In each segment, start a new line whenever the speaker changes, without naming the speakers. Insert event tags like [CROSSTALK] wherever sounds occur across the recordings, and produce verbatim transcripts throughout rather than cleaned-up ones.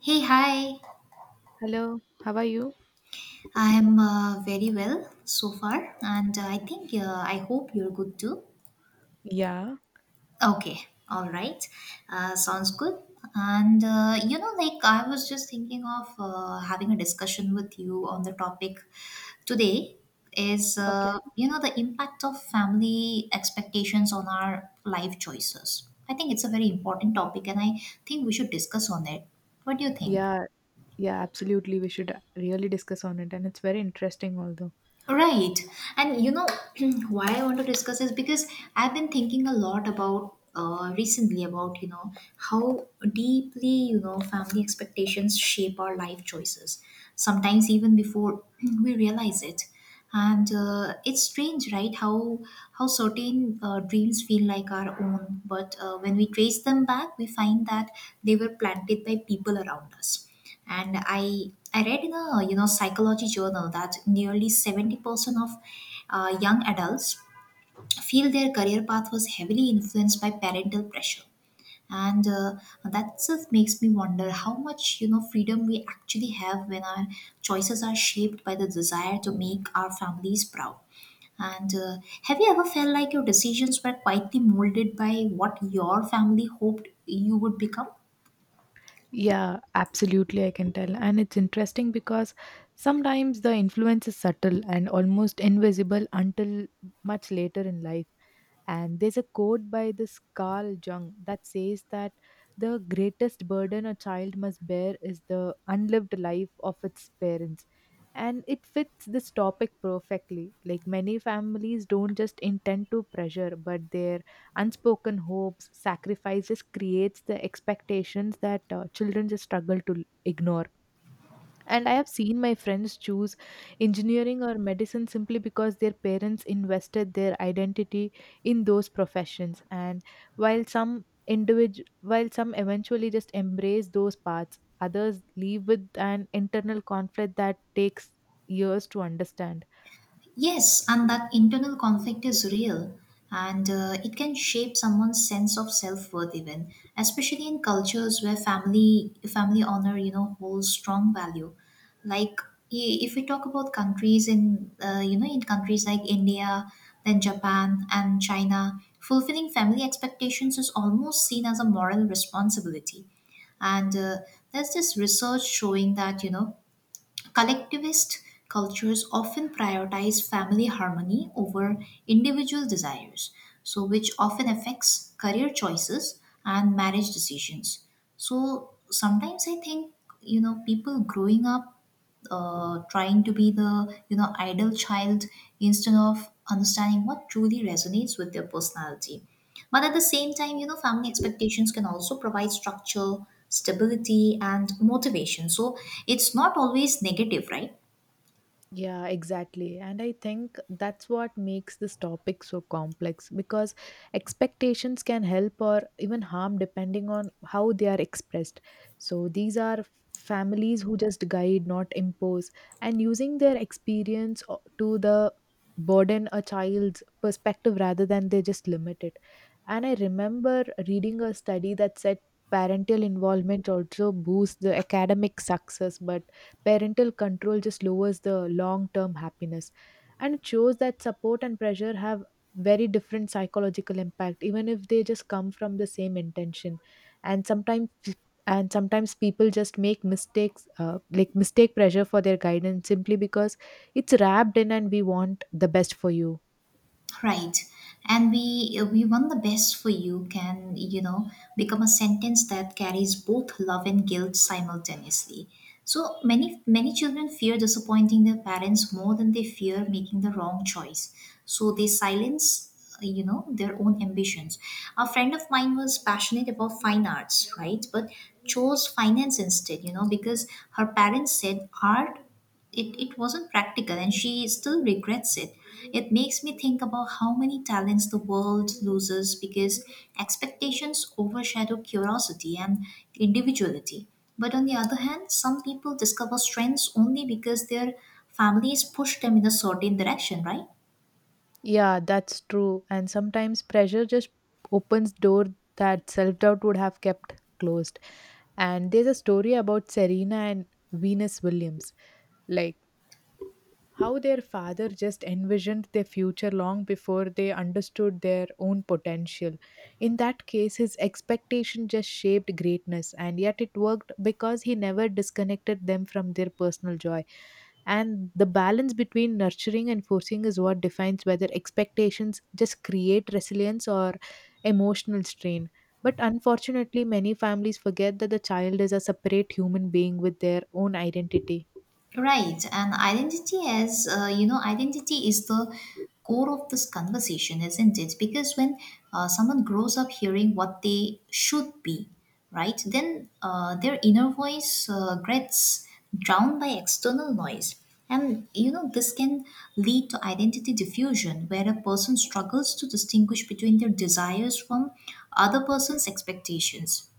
Hey, hi.
Hello, how are you?
I am uh, very well so far, and uh, I think uh, I hope you're good too.
Yeah.
Okay, all right. Uh, sounds good. And uh, you know, like I was just thinking of uh, having a discussion with you on the topic today is
Okay.
uh, you know the impact of family expectations on our life choices. I think it's a very important topic, and I think we should discuss on it. What do you think?
Yeah, yeah, absolutely. We should really discuss on it, and it's very interesting, although.
Right. And you know [CLEARS THROAT] why I want to discuss is because I've been thinking a lot about uh, recently about, you know, how deeply, you know, family expectations shape our life choices, sometimes even before [CLEARS THROAT] we realize it. And uh, it's strange, right? How how certain uh, dreams feel like our own, but uh, when we trace them back, we find that they were planted by people around us, and i i read in a, you know, psychology journal that nearly seventy percent of uh, young adults feel their career path was heavily influenced by parental pressure. And uh, that itself makes me wonder how much, you know, freedom we actually have when our choices are shaped by the desire to make our families proud. And uh, have you ever felt like your decisions were quietly molded by what your family hoped you would become?
Yeah, absolutely, I can tell. And it's interesting because sometimes the influence is subtle and almost invisible until much later in life. And there's a quote by this Carl Jung that says that the greatest burden a child must bear is the unlived life of its parents. And it fits this topic perfectly. Like, many families don't just intend to pressure, but their unspoken hopes, sacrifices creates the expectations that uh, children just struggle to ignore. And I have seen my friends choose engineering or medicine simply because their parents invested their identity in those professions. And while some individual, while some eventually just embrace those paths, others leave with an internal conflict that takes years to understand.
Yes, and that internal conflict is real, and uh, it can shape someone's sense of self-worth, even especially in cultures where family family honor, you know, holds strong value. Like, i- if we talk about countries in uh, you know in countries like India, then Japan and China, fulfilling family expectations is almost seen as a moral responsibility. And uh, there's this research showing that, you know, collectivist cultures often prioritize family harmony over individual desires, so which often affects career choices and marriage decisions. So sometimes I think, you know, people growing up uh, trying to be the, you know, idle child instead of understanding what truly resonates with their personality, but at the same time, you know, family expectations can also provide structure, stability, and motivation. So it's not always negative, right?
Yeah, exactly. And I think that's what makes this topic so complex, because expectations can help or even harm depending on how they are expressed. So these are families who just guide, not impose, and using their experience o- to the burden a child's perspective rather than they just limit it. And I remember reading a study that said parental involvement also boosts the academic success, but parental control just lowers the long term happiness. And it shows that support and pressure have very different psychological impact, even if they just come from the same intention. And sometimes and sometimes people just make mistakes, uh, like mistake pressure for their guidance simply because it's wrapped in and we want the best for you.
Right. And we we want the best for you" can, you know, become a sentence that carries both love and guilt simultaneously. So many many children fear disappointing their parents more than they fear making the wrong choice. So they silence, you know, their own ambitions. A friend of mine was passionate about fine arts, right, but chose finance instead, you know, because her parents said art, it, it wasn't practical, and she still regrets it. It makes me think about how many talents the world loses because expectations overshadow curiosity and individuality, but on the other hand, some people discover strengths only because their families push them in a certain direction, right?
Yeah, that's true. And sometimes pressure just opens door that self-doubt would have kept closed. And there's a story about Serena and Venus Williams, like how their father just envisioned their future long before they understood their own potential. In that case, his expectation just shaped greatness, and yet it worked because he never disconnected them from their personal joy. And the balance between nurturing and forcing is what defines whether expectations just create resilience or emotional strain. But unfortunately, many families forget that the child is a separate human being with their own identity.
Right, and identity as uh, you know, identity is the core of this conversation, isn't it? Because when uh, someone grows up hearing what they should be, right, then uh, their inner voice uh, gets drowned by external noise, and you know this can lead to identity diffusion, where a person struggles to distinguish between their desires from other person's expectations.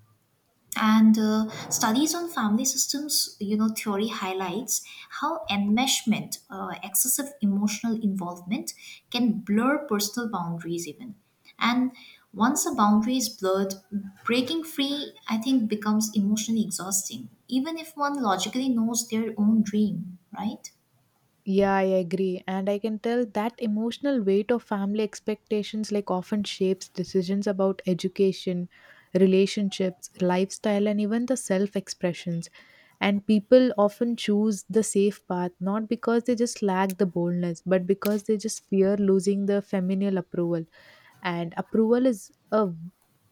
And uh, studies on family systems, you know, theory highlights how enmeshment, uh, excessive emotional involvement, can blur personal boundaries even. And once a boundary is blurred, breaking free, I think, becomes emotionally exhausting, even if one logically knows their own dream, right?
Yeah, I agree. And I can tell that emotional weight of family expectations like often shapes decisions about education, relationships, lifestyle, and even the self expressions. And people often choose the safe path, not because they just lack the boldness, but because they just fear losing the familial approval. And approval is a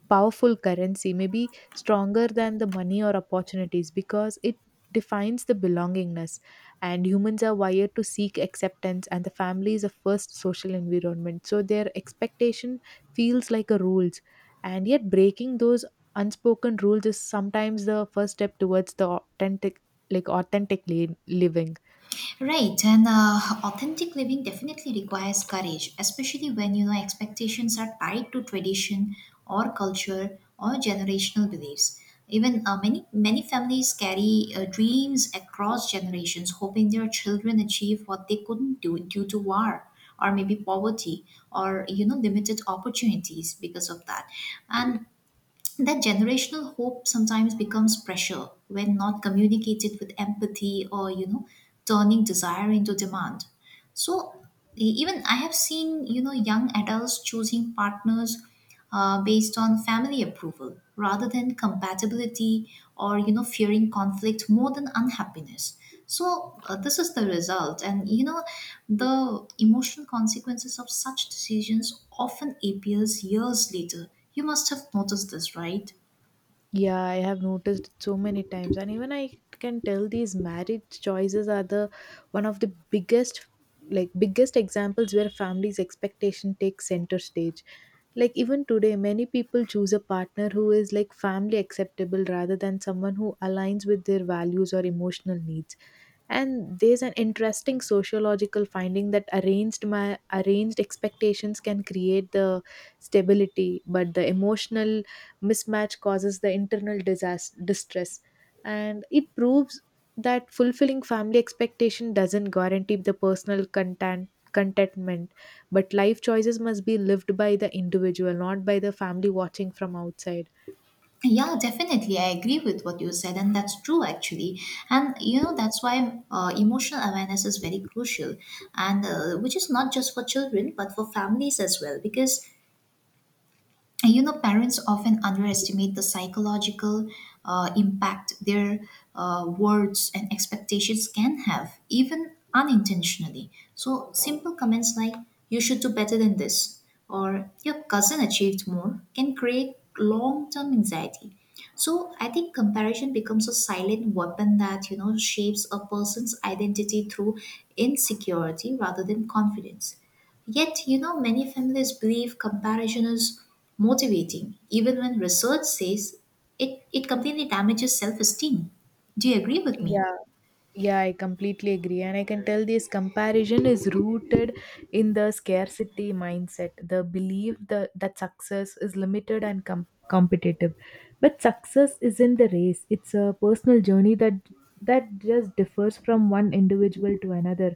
powerful currency, maybe stronger than the money or opportunities, because it defines the belongingness. And humans are wired to seek acceptance, and the family is a first social environment, so their expectation feels like a rules. And yet breaking those unspoken rules is sometimes the first step towards the authentic, like authentic li- living.
Right, and uh, authentic living definitely requires courage, especially when you know expectations are tied to tradition or culture or generational beliefs. Even uh, many many families carry uh, dreams across generations, hoping their children achieve what they couldn't do due to war or maybe poverty or, you know, limited opportunities because of that. And that generational hope sometimes becomes pressure when not communicated with empathy, or, you know, turning desire into demand. So e- even I have seen, you know, young adults choosing partners uh, based on family approval rather than compatibility or, you know, fearing conflict more than unhappiness. So uh, this is the result, and you know the emotional consequences of such decisions often appears years later. You must have noticed this, right?
Yeah, I have noticed so many times, and even I can tell these marriage choices are the one of the biggest, like biggest examples where families' expectation takes center stage. Like, even today, many people choose a partner who is like family acceptable rather than someone who aligns with their values or emotional needs. And there's an interesting sociological finding that arranged ma- arranged expectations can create the stability, but the emotional mismatch causes the internal disaster, distress. And it proves that fulfilling family expectation doesn't guarantee the personal content contentment, but life choices must be lived by the individual, not by the family watching from outside.
Yeah, definitely. I agree with what you said, and that's true actually. And you know, that's why uh, emotional awareness is very crucial, and uh, which is not just for children but for families as well. Because and you know, parents often underestimate the psychological uh, impact their uh, words and expectations can have, even unintentionally. So, simple comments like, "you should do better than this," or "your cousin achieved more," can create long term anxiety. So, I think comparison becomes a silent weapon that, you know, shapes a person's identity through insecurity rather than confidence. Yet, you know, many families believe comparison is motivating, even when research says it, it completely damages self esteem. Do you agree with me?
Yeah. Yeah, I completely agree. And I can tell this comparison is rooted in the scarcity mindset, the belief the, that success is limited and com- competitive. But success isn't the race, it's a personal journey that that just differs from one individual to another.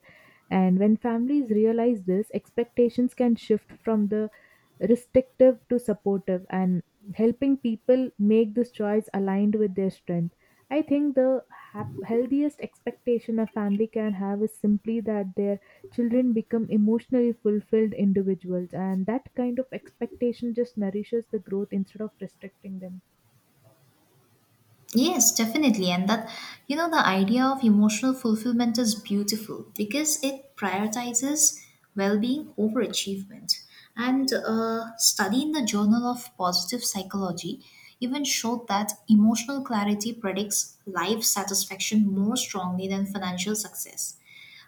And when families realize this, expectations can shift from the restrictive to supportive, and helping people make this choice aligned with their strength. I think the hap- healthiest expectation a family can have is simply that their children become emotionally fulfilled individuals, and that kind of expectation just nourishes the growth instead of restricting them.
Yes, definitely. And that, you know, the idea of emotional fulfillment is beautiful because it prioritizes well being over achievement. And a study in the Journal of Positive Psychology even showed that emotional clarity predicts life satisfaction more strongly than financial success.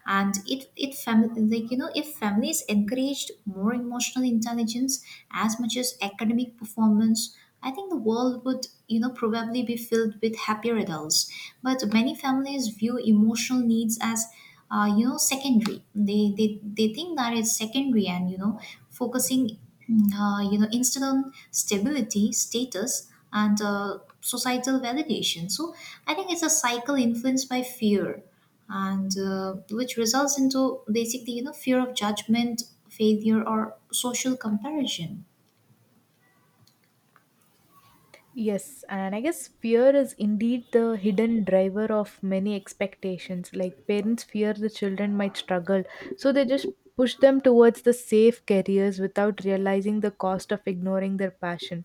And it it fam- like, you know, if families encouraged more emotional intelligence as much as academic performance, I think the world would, you know, probably be filled with happier adults. But many families view emotional needs as uh, you know secondary. They, they they think that it's secondary, and, you know, focusing mm, uh, you know, instead on stability, status, and uh, societal validation. So I think it's a cycle influenced by fear, and uh, which results into basically, you know, fear of judgment, failure, or social comparison.
Yes, and I guess fear is indeed the hidden driver of many expectations. Like parents fear the children might struggle, so they just push them towards the safe careers without realizing the cost of ignoring their passion.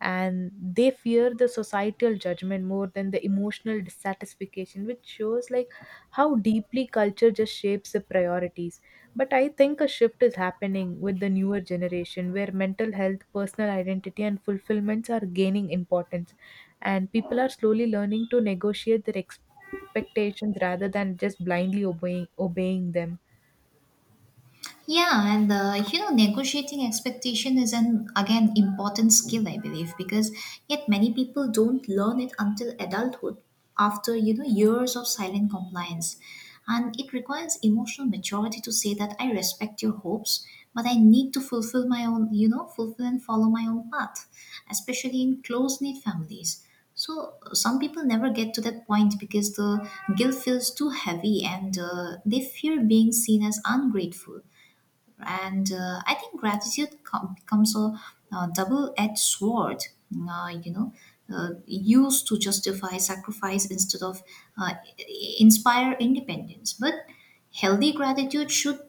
And they fear the societal judgment more than the emotional dissatisfaction, which shows like how deeply culture just shapes the priorities. But I think a shift is happening with the newer generation where mental health, personal identity, and fulfillments are gaining importance. And people are slowly learning to negotiate their expectations rather than just blindly obeying, obeying them.
Yeah, and uh, you know, negotiating expectation is an again important skill, I believe, because yet many people don't learn it until adulthood, after, you know, years of silent compliance, and it requires emotional maturity to say that I respect your hopes, but I need to fulfill my own, you know, fulfill and follow my own path, especially in close-knit families. So some people never get to that point because the guilt feels too heavy and uh, they fear being seen as ungrateful. And uh, I think gratitude com- becomes a uh double-edged sword, uh, you know uh, used to justify sacrifice instead of uh, i- inspire independence. But healthy gratitude should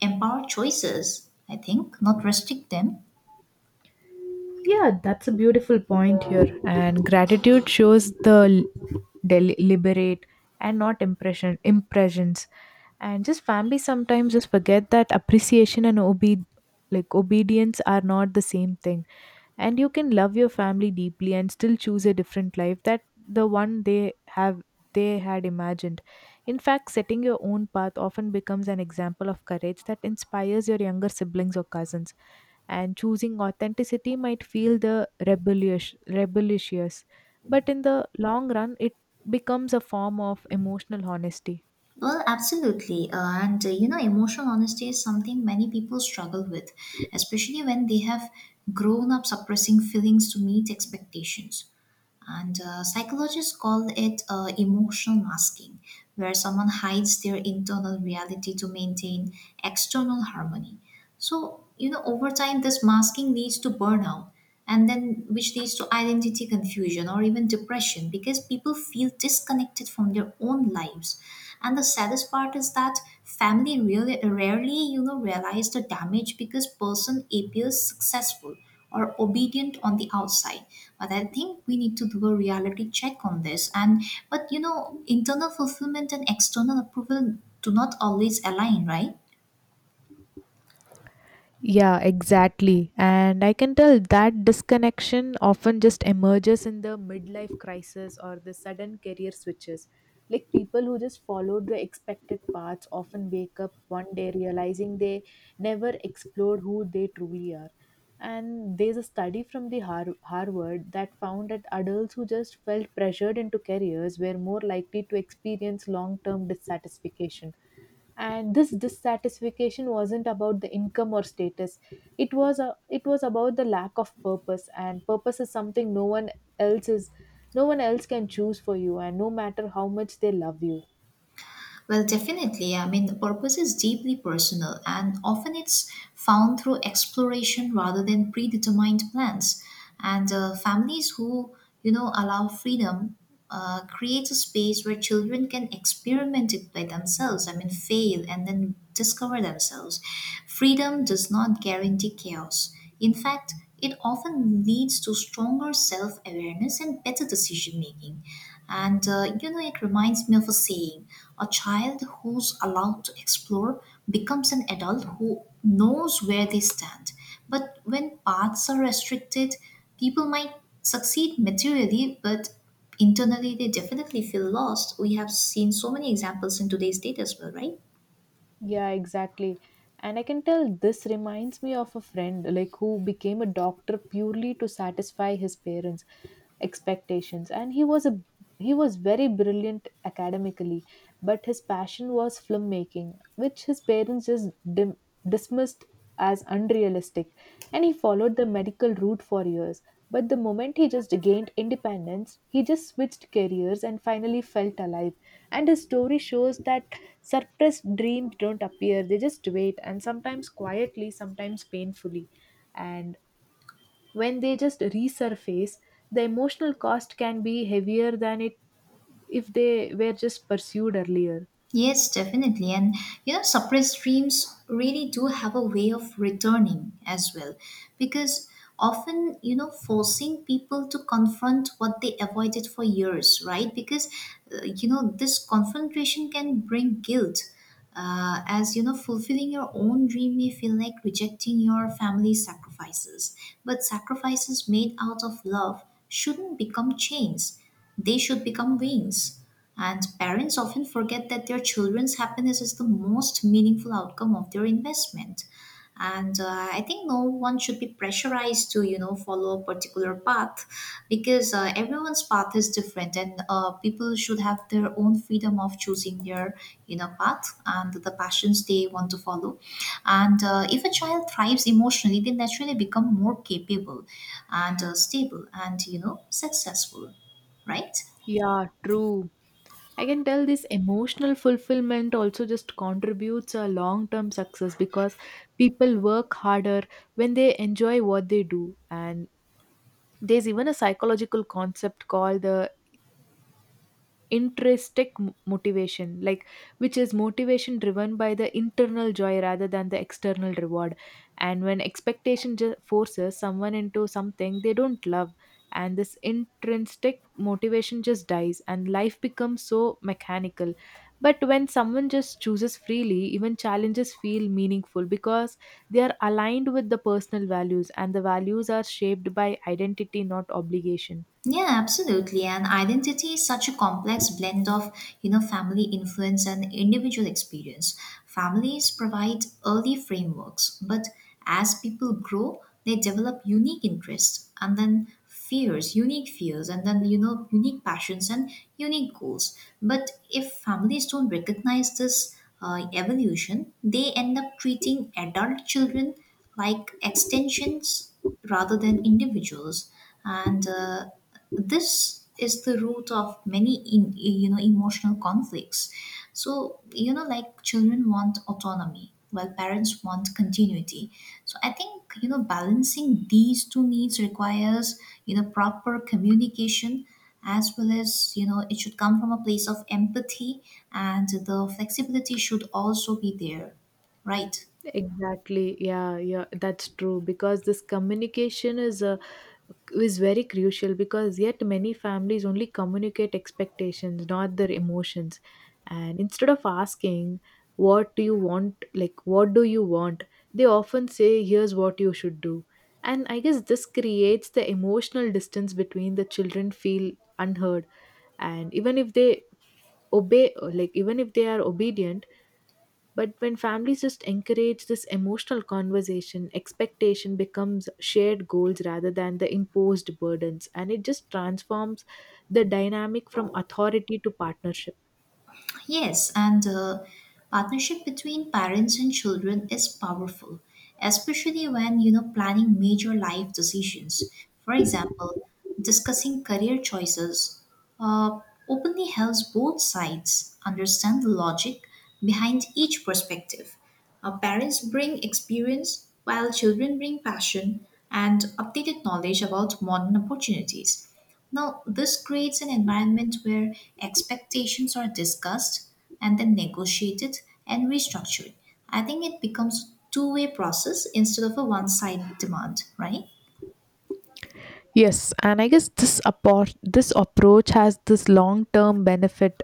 empower choices, I think, not restrict them.
Yeah, that's a beautiful point here. And gratitude shows the l- del- liberate and not impression impressions. And just family sometimes just forget that appreciation and obe- like obedience are not the same thing. And you can love your family deeply and still choose a different life that the one they have they had imagined. In fact, setting your own path often becomes an example of courage that inspires your younger siblings or cousins. And choosing authenticity might feel the rebellious rebellious, but in the long run it becomes a form of emotional honesty.
Well, absolutely, uh, and uh, you know, emotional honesty is something many people struggle with, especially when they have grown up suppressing feelings to meet expectations. And uh, psychologists call it uh, emotional masking, where someone hides their internal reality to maintain external harmony. So, you know, over time, this masking leads to burnout, and then which leads to identity confusion or even depression because people feel disconnected from their own lives. And the saddest part is that family really rarely, you know, realize the damage because person appears successful or obedient on the outside. But I think we need to do a reality check on this, and but you know internal fulfillment and external approval do not always align, right?
Yeah, exactly. And I can tell that disconnection often just emerges in the midlife crisis or the sudden career switches. Like people who just followed the expected paths often wake up one day realizing they never explored who they truly are. And there's a study from the Har- Harvard that found that adults who just felt pressured into careers were more likely to experience long-term dissatisfaction. And this dissatisfaction wasn't about the income or status, it was a, it was about the lack of purpose. And purpose is something no one else is no one else can choose for you, and no matter how much they love you.
Well, definitely. I mean, the purpose is deeply personal, and often it's found through exploration rather than predetermined plans. And uh, families who, you know, allow freedom uh, create a space where children can experiment it by themselves. I mean, fail and then discover themselves. Freedom does not guarantee chaos. In fact, it often leads to stronger self awareness and better decision making. And, uh, you know, it reminds me of a saying, a child who's allowed to explore becomes an adult who knows where they stand. But when paths are restricted, people might succeed materially, but internally they definitely feel lost. We have seen so many examples in today's date as well, right?
Yeah, exactly. And I can tell this reminds me of a friend, like who became a doctor purely to satisfy his parents' expectations. And he was a he was very brilliant academically, but his passion was filmmaking, which his parents just dim- dismissed as unrealistic. And he followed the medical route for years, but the moment he just gained independence, he just switched careers and finally felt alive. And his story shows that suppressed dreams don't appear, they just wait, and sometimes quietly, sometimes painfully. And when they just resurface, the emotional cost can be heavier than it if they were just pursued earlier.
Yes, definitely. And you know, suppressed dreams really do have a way of returning as well. Because often, you know, forcing people to confront what they avoided for years, right? Because, uh, you know, this confrontation can bring guilt, uh, as you know fulfilling your own dream may feel like rejecting your family's sacrifices. But sacrifices made out of love shouldn't become chains. They should become wings. And parents often forget that their children's happiness is the most meaningful outcome of their investment. And uh, I think no one should be pressurized to, you know, follow a particular path, because uh, everyone's path is different, and uh, people should have their own freedom of choosing their, you know, path and the passions they want to follow. And uh, if a child thrives emotionally, they naturally become more capable and uh, stable and, you know, successful, right?
Yeah, true. I can tell this emotional fulfillment also just contributes a long term success, because people work harder when they enjoy what they do. And there's even a psychological concept called the intrinsic m- motivation, like which is motivation driven by the internal joy rather than the external reward. And when expectation ju- forces someone into something they don't love, and this intrinsic motivation just dies and life becomes so mechanical. But when someone just chooses freely, even challenges feel meaningful, because they are aligned with the personal values, and the values are shaped by identity, not obligation.
Yeah, absolutely. And identity is such a complex blend of, you know, family influence and individual experience. Families provide early frameworks, but as people grow, they develop unique interests and then fears, unique fears, and then, you know, unique passions and unique goals. But if families don't recognize this uh, evolution, they end up treating adult children like extensions rather than individuals. And uh, this is the root of many in, you know emotional conflicts. So you know, like, children want autonomy while parents want continuity. So I think, you know, balancing these two needs requires, you know, proper communication, as well as, you know, it should come from a place of empathy, and the flexibility should also be there, right?
Exactly. Yeah, yeah, that's true, because this communication is a is very crucial, because yet many families only communicate expectations, not their emotions. And instead of asking what do you want, like what do you want, they often say here's what you should do. And I guess this creates the emotional distance between the children feel unheard, and even if they obey like even if they are obedient. But when families just encourage this emotional conversation, expectation becomes shared goals rather than the imposed burdens, and it just transforms the dynamic from authority to partnership.
Yes, and the partnership between parents and children is powerful, especially when, you know, planning major life decisions. For example, discussing career choices uh, openly helps both sides understand the logic behind each perspective. Uh, parents bring experience, while children bring passion and updated knowledge about modern opportunities. Now, this creates an environment where expectations are discussed and then negotiated and restructured. I think it becomes a two way process instead of a one side demand, right?
Yes, and I guess this appro- this approach has this long-term benefit,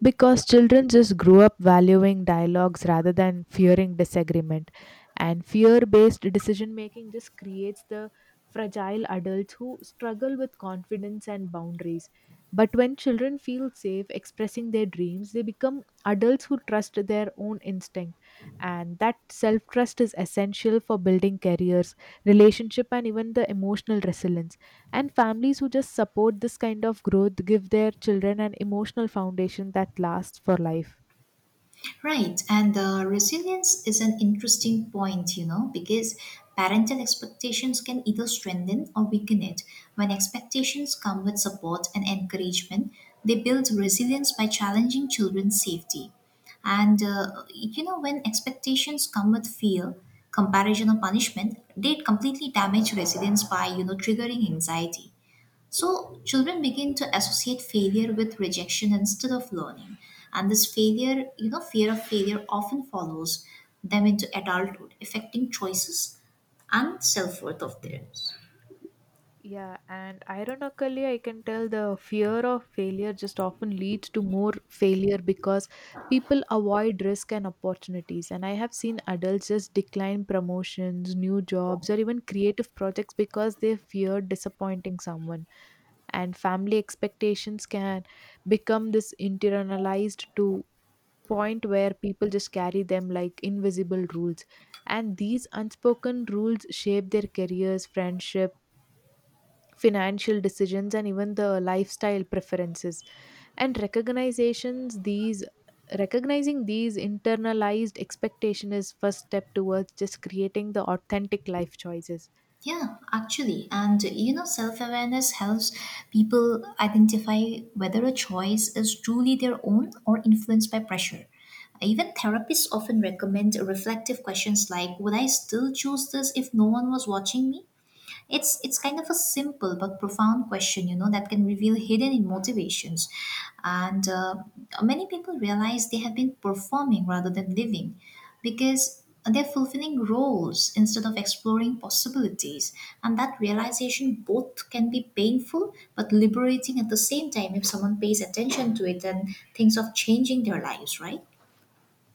because children just grow up valuing dialogues rather than fearing disagreement. And fear-based decision making just creates the fragile adults who struggle with confidence and boundaries. But when children feel safe expressing their dreams, they become adults who trust their own instinct. And that self trust is essential for building careers, relationship, and even the emotional resilience. And families who just support this kind of growth give their children an emotional foundation that lasts for life.
Right, and the resilience is an interesting point, you know, because parental expectations can either strengthen or weaken it. When expectations come with support and encouragement, they build resilience by challenging children's safety. And, uh, you know, when expectations come with fear, comparison, or punishment, they completely damage resilience by, you know, triggering anxiety. So, children begin to associate failure with rejection instead of learning. And this failure, you know, fear of failure often follows them into adulthood, affecting choices and self worth of theirs.
Yeah, and ironically, I can tell the fear of failure just often leads to more failure, because people avoid risk and opportunities. And I have seen adults just decline promotions, new jobs, or even creative projects because they fear disappointing someone. And family expectations can become this internalized to point where people just carry them like invisible rules. And these unspoken rules shape their careers, friendship, financial decisions, and even the lifestyle preferences. And recognizations, these recognizing these internalized expectation is first step towards just creating the authentic life choices.
Yeah, actually. And, you know, self awareness helps people identify whether a choice is truly their own or influenced by pressure. Even therapists often recommend reflective questions like, would I still choose this if no one was watching me? It's it's kind of a simple but profound question, you know, that can reveal hidden motivations. And uh, many people realize they have been performing rather than living because they're fulfilling roles instead of exploring possibilities. And that realization both can be painful but liberating at the same time if someone pays attention to it and thinks of changing their lives, right?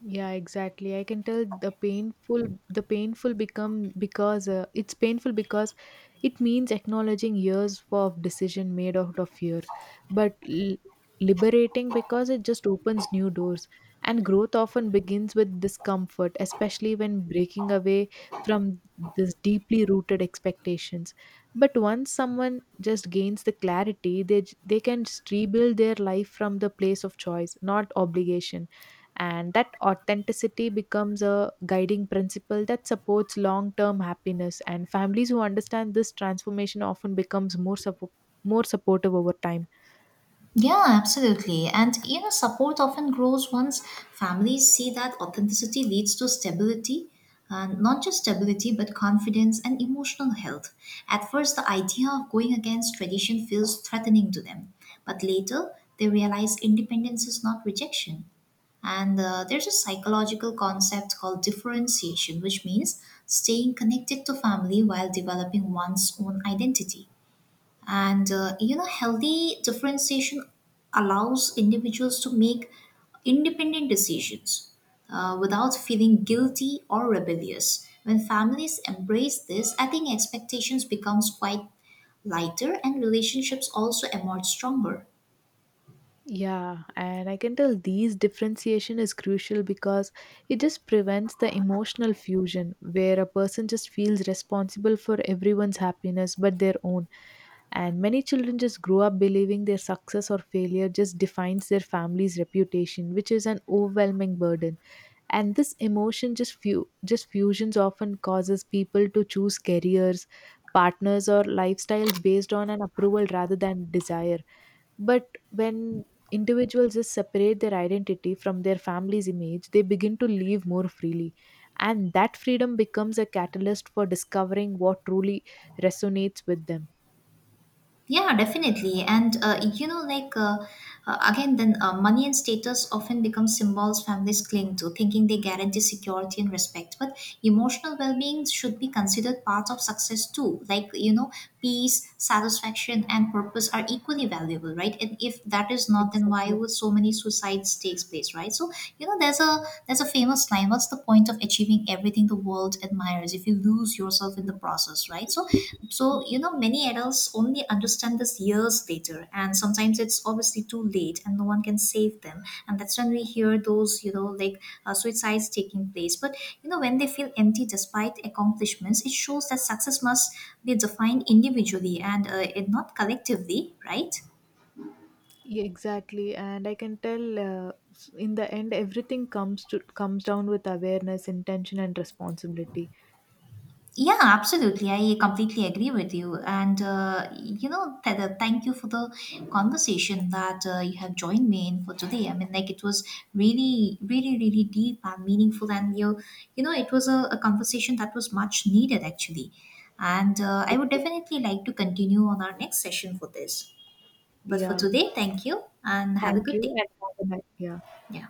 Yeah, exactly. I can tell the painful the painful become because uh, it's painful because it means acknowledging years of decision made out of fear, but l- liberating because it just opens new doors. And growth often begins with discomfort, especially when breaking away from this deeply rooted expectations. But once someone just gains the clarity, they j- they can just rebuild their life from the place of choice, not obligation. And that authenticity becomes a guiding principle that supports long-term happiness, and families who understand this transformation often becomes more suppo- more supportive over time.
Yeah, absolutely. And you know, support often grows once families see that authenticity leads to stability, and not just stability, but confidence and emotional health. At first, the idea of going against tradition feels threatening to them, but later they realize independence is not rejection. And uh, there's a psychological concept called differentiation, which means staying connected to family while developing one's own identity. And uh, you know, healthy differentiation allows individuals to make independent decisions uh, without feeling guilty or rebellious. When families embrace this, I think expectations becomes quite lighter, and relationships also emerge stronger.
Yeah, and I can tell these differentiation is crucial, because it just prevents the emotional fusion where a person just feels responsible for everyone's happiness but their own. And many children just grow up believing their success or failure just defines their family's reputation, which is an overwhelming burden. And this emotion just few just fusions often causes people to choose careers, partners or lifestyles based on an approval rather than desire. But when individuals just separate their identity from their family's image, they begin to live more freely. And that freedom becomes a catalyst for discovering what truly resonates with them.
Yeah, definitely. And uh, you know, like uh, uh, again, then uh, money and status often become symbols families cling to, thinking they guarantee security and respect. But emotional well-being should be considered part of success too. Like, you know, peace, satisfaction, and purpose are equally valuable, right? And if that is not, then why
Exactly.
would so many suicides takes place, right? So you know, there's a there's a famous line. What's the point? point of achieving everything the world admires if you lose yourself in the process, right? So so you know, many adults only understand this years later, and sometimes it's obviously too late and no one can save them, and that's when we hear those, you know, like, uh, suicides taking place. But you know, when they feel empty despite accomplishments, it shows that success must be defined individually, and uh, it not collectively, right?
Yeah, exactly. And I can tell, uh, s- in the end, everything comes to comes down with awareness, intention, and responsibility.
Yeah, absolutely. I completely agree with you. And, uh, you know, th- th- thank you for the conversation that uh, you have joined me in for today. I mean, like, it was really, really, really deep and meaningful. And, you, you know, it was a, a conversation that was much needed, actually. And uh, I would
Exactly.
definitely like to continue on our next session for this. But for
Yeah.
today, thank you and have a
Thank
good
you
day.
and have a nice yeah.
Yeah.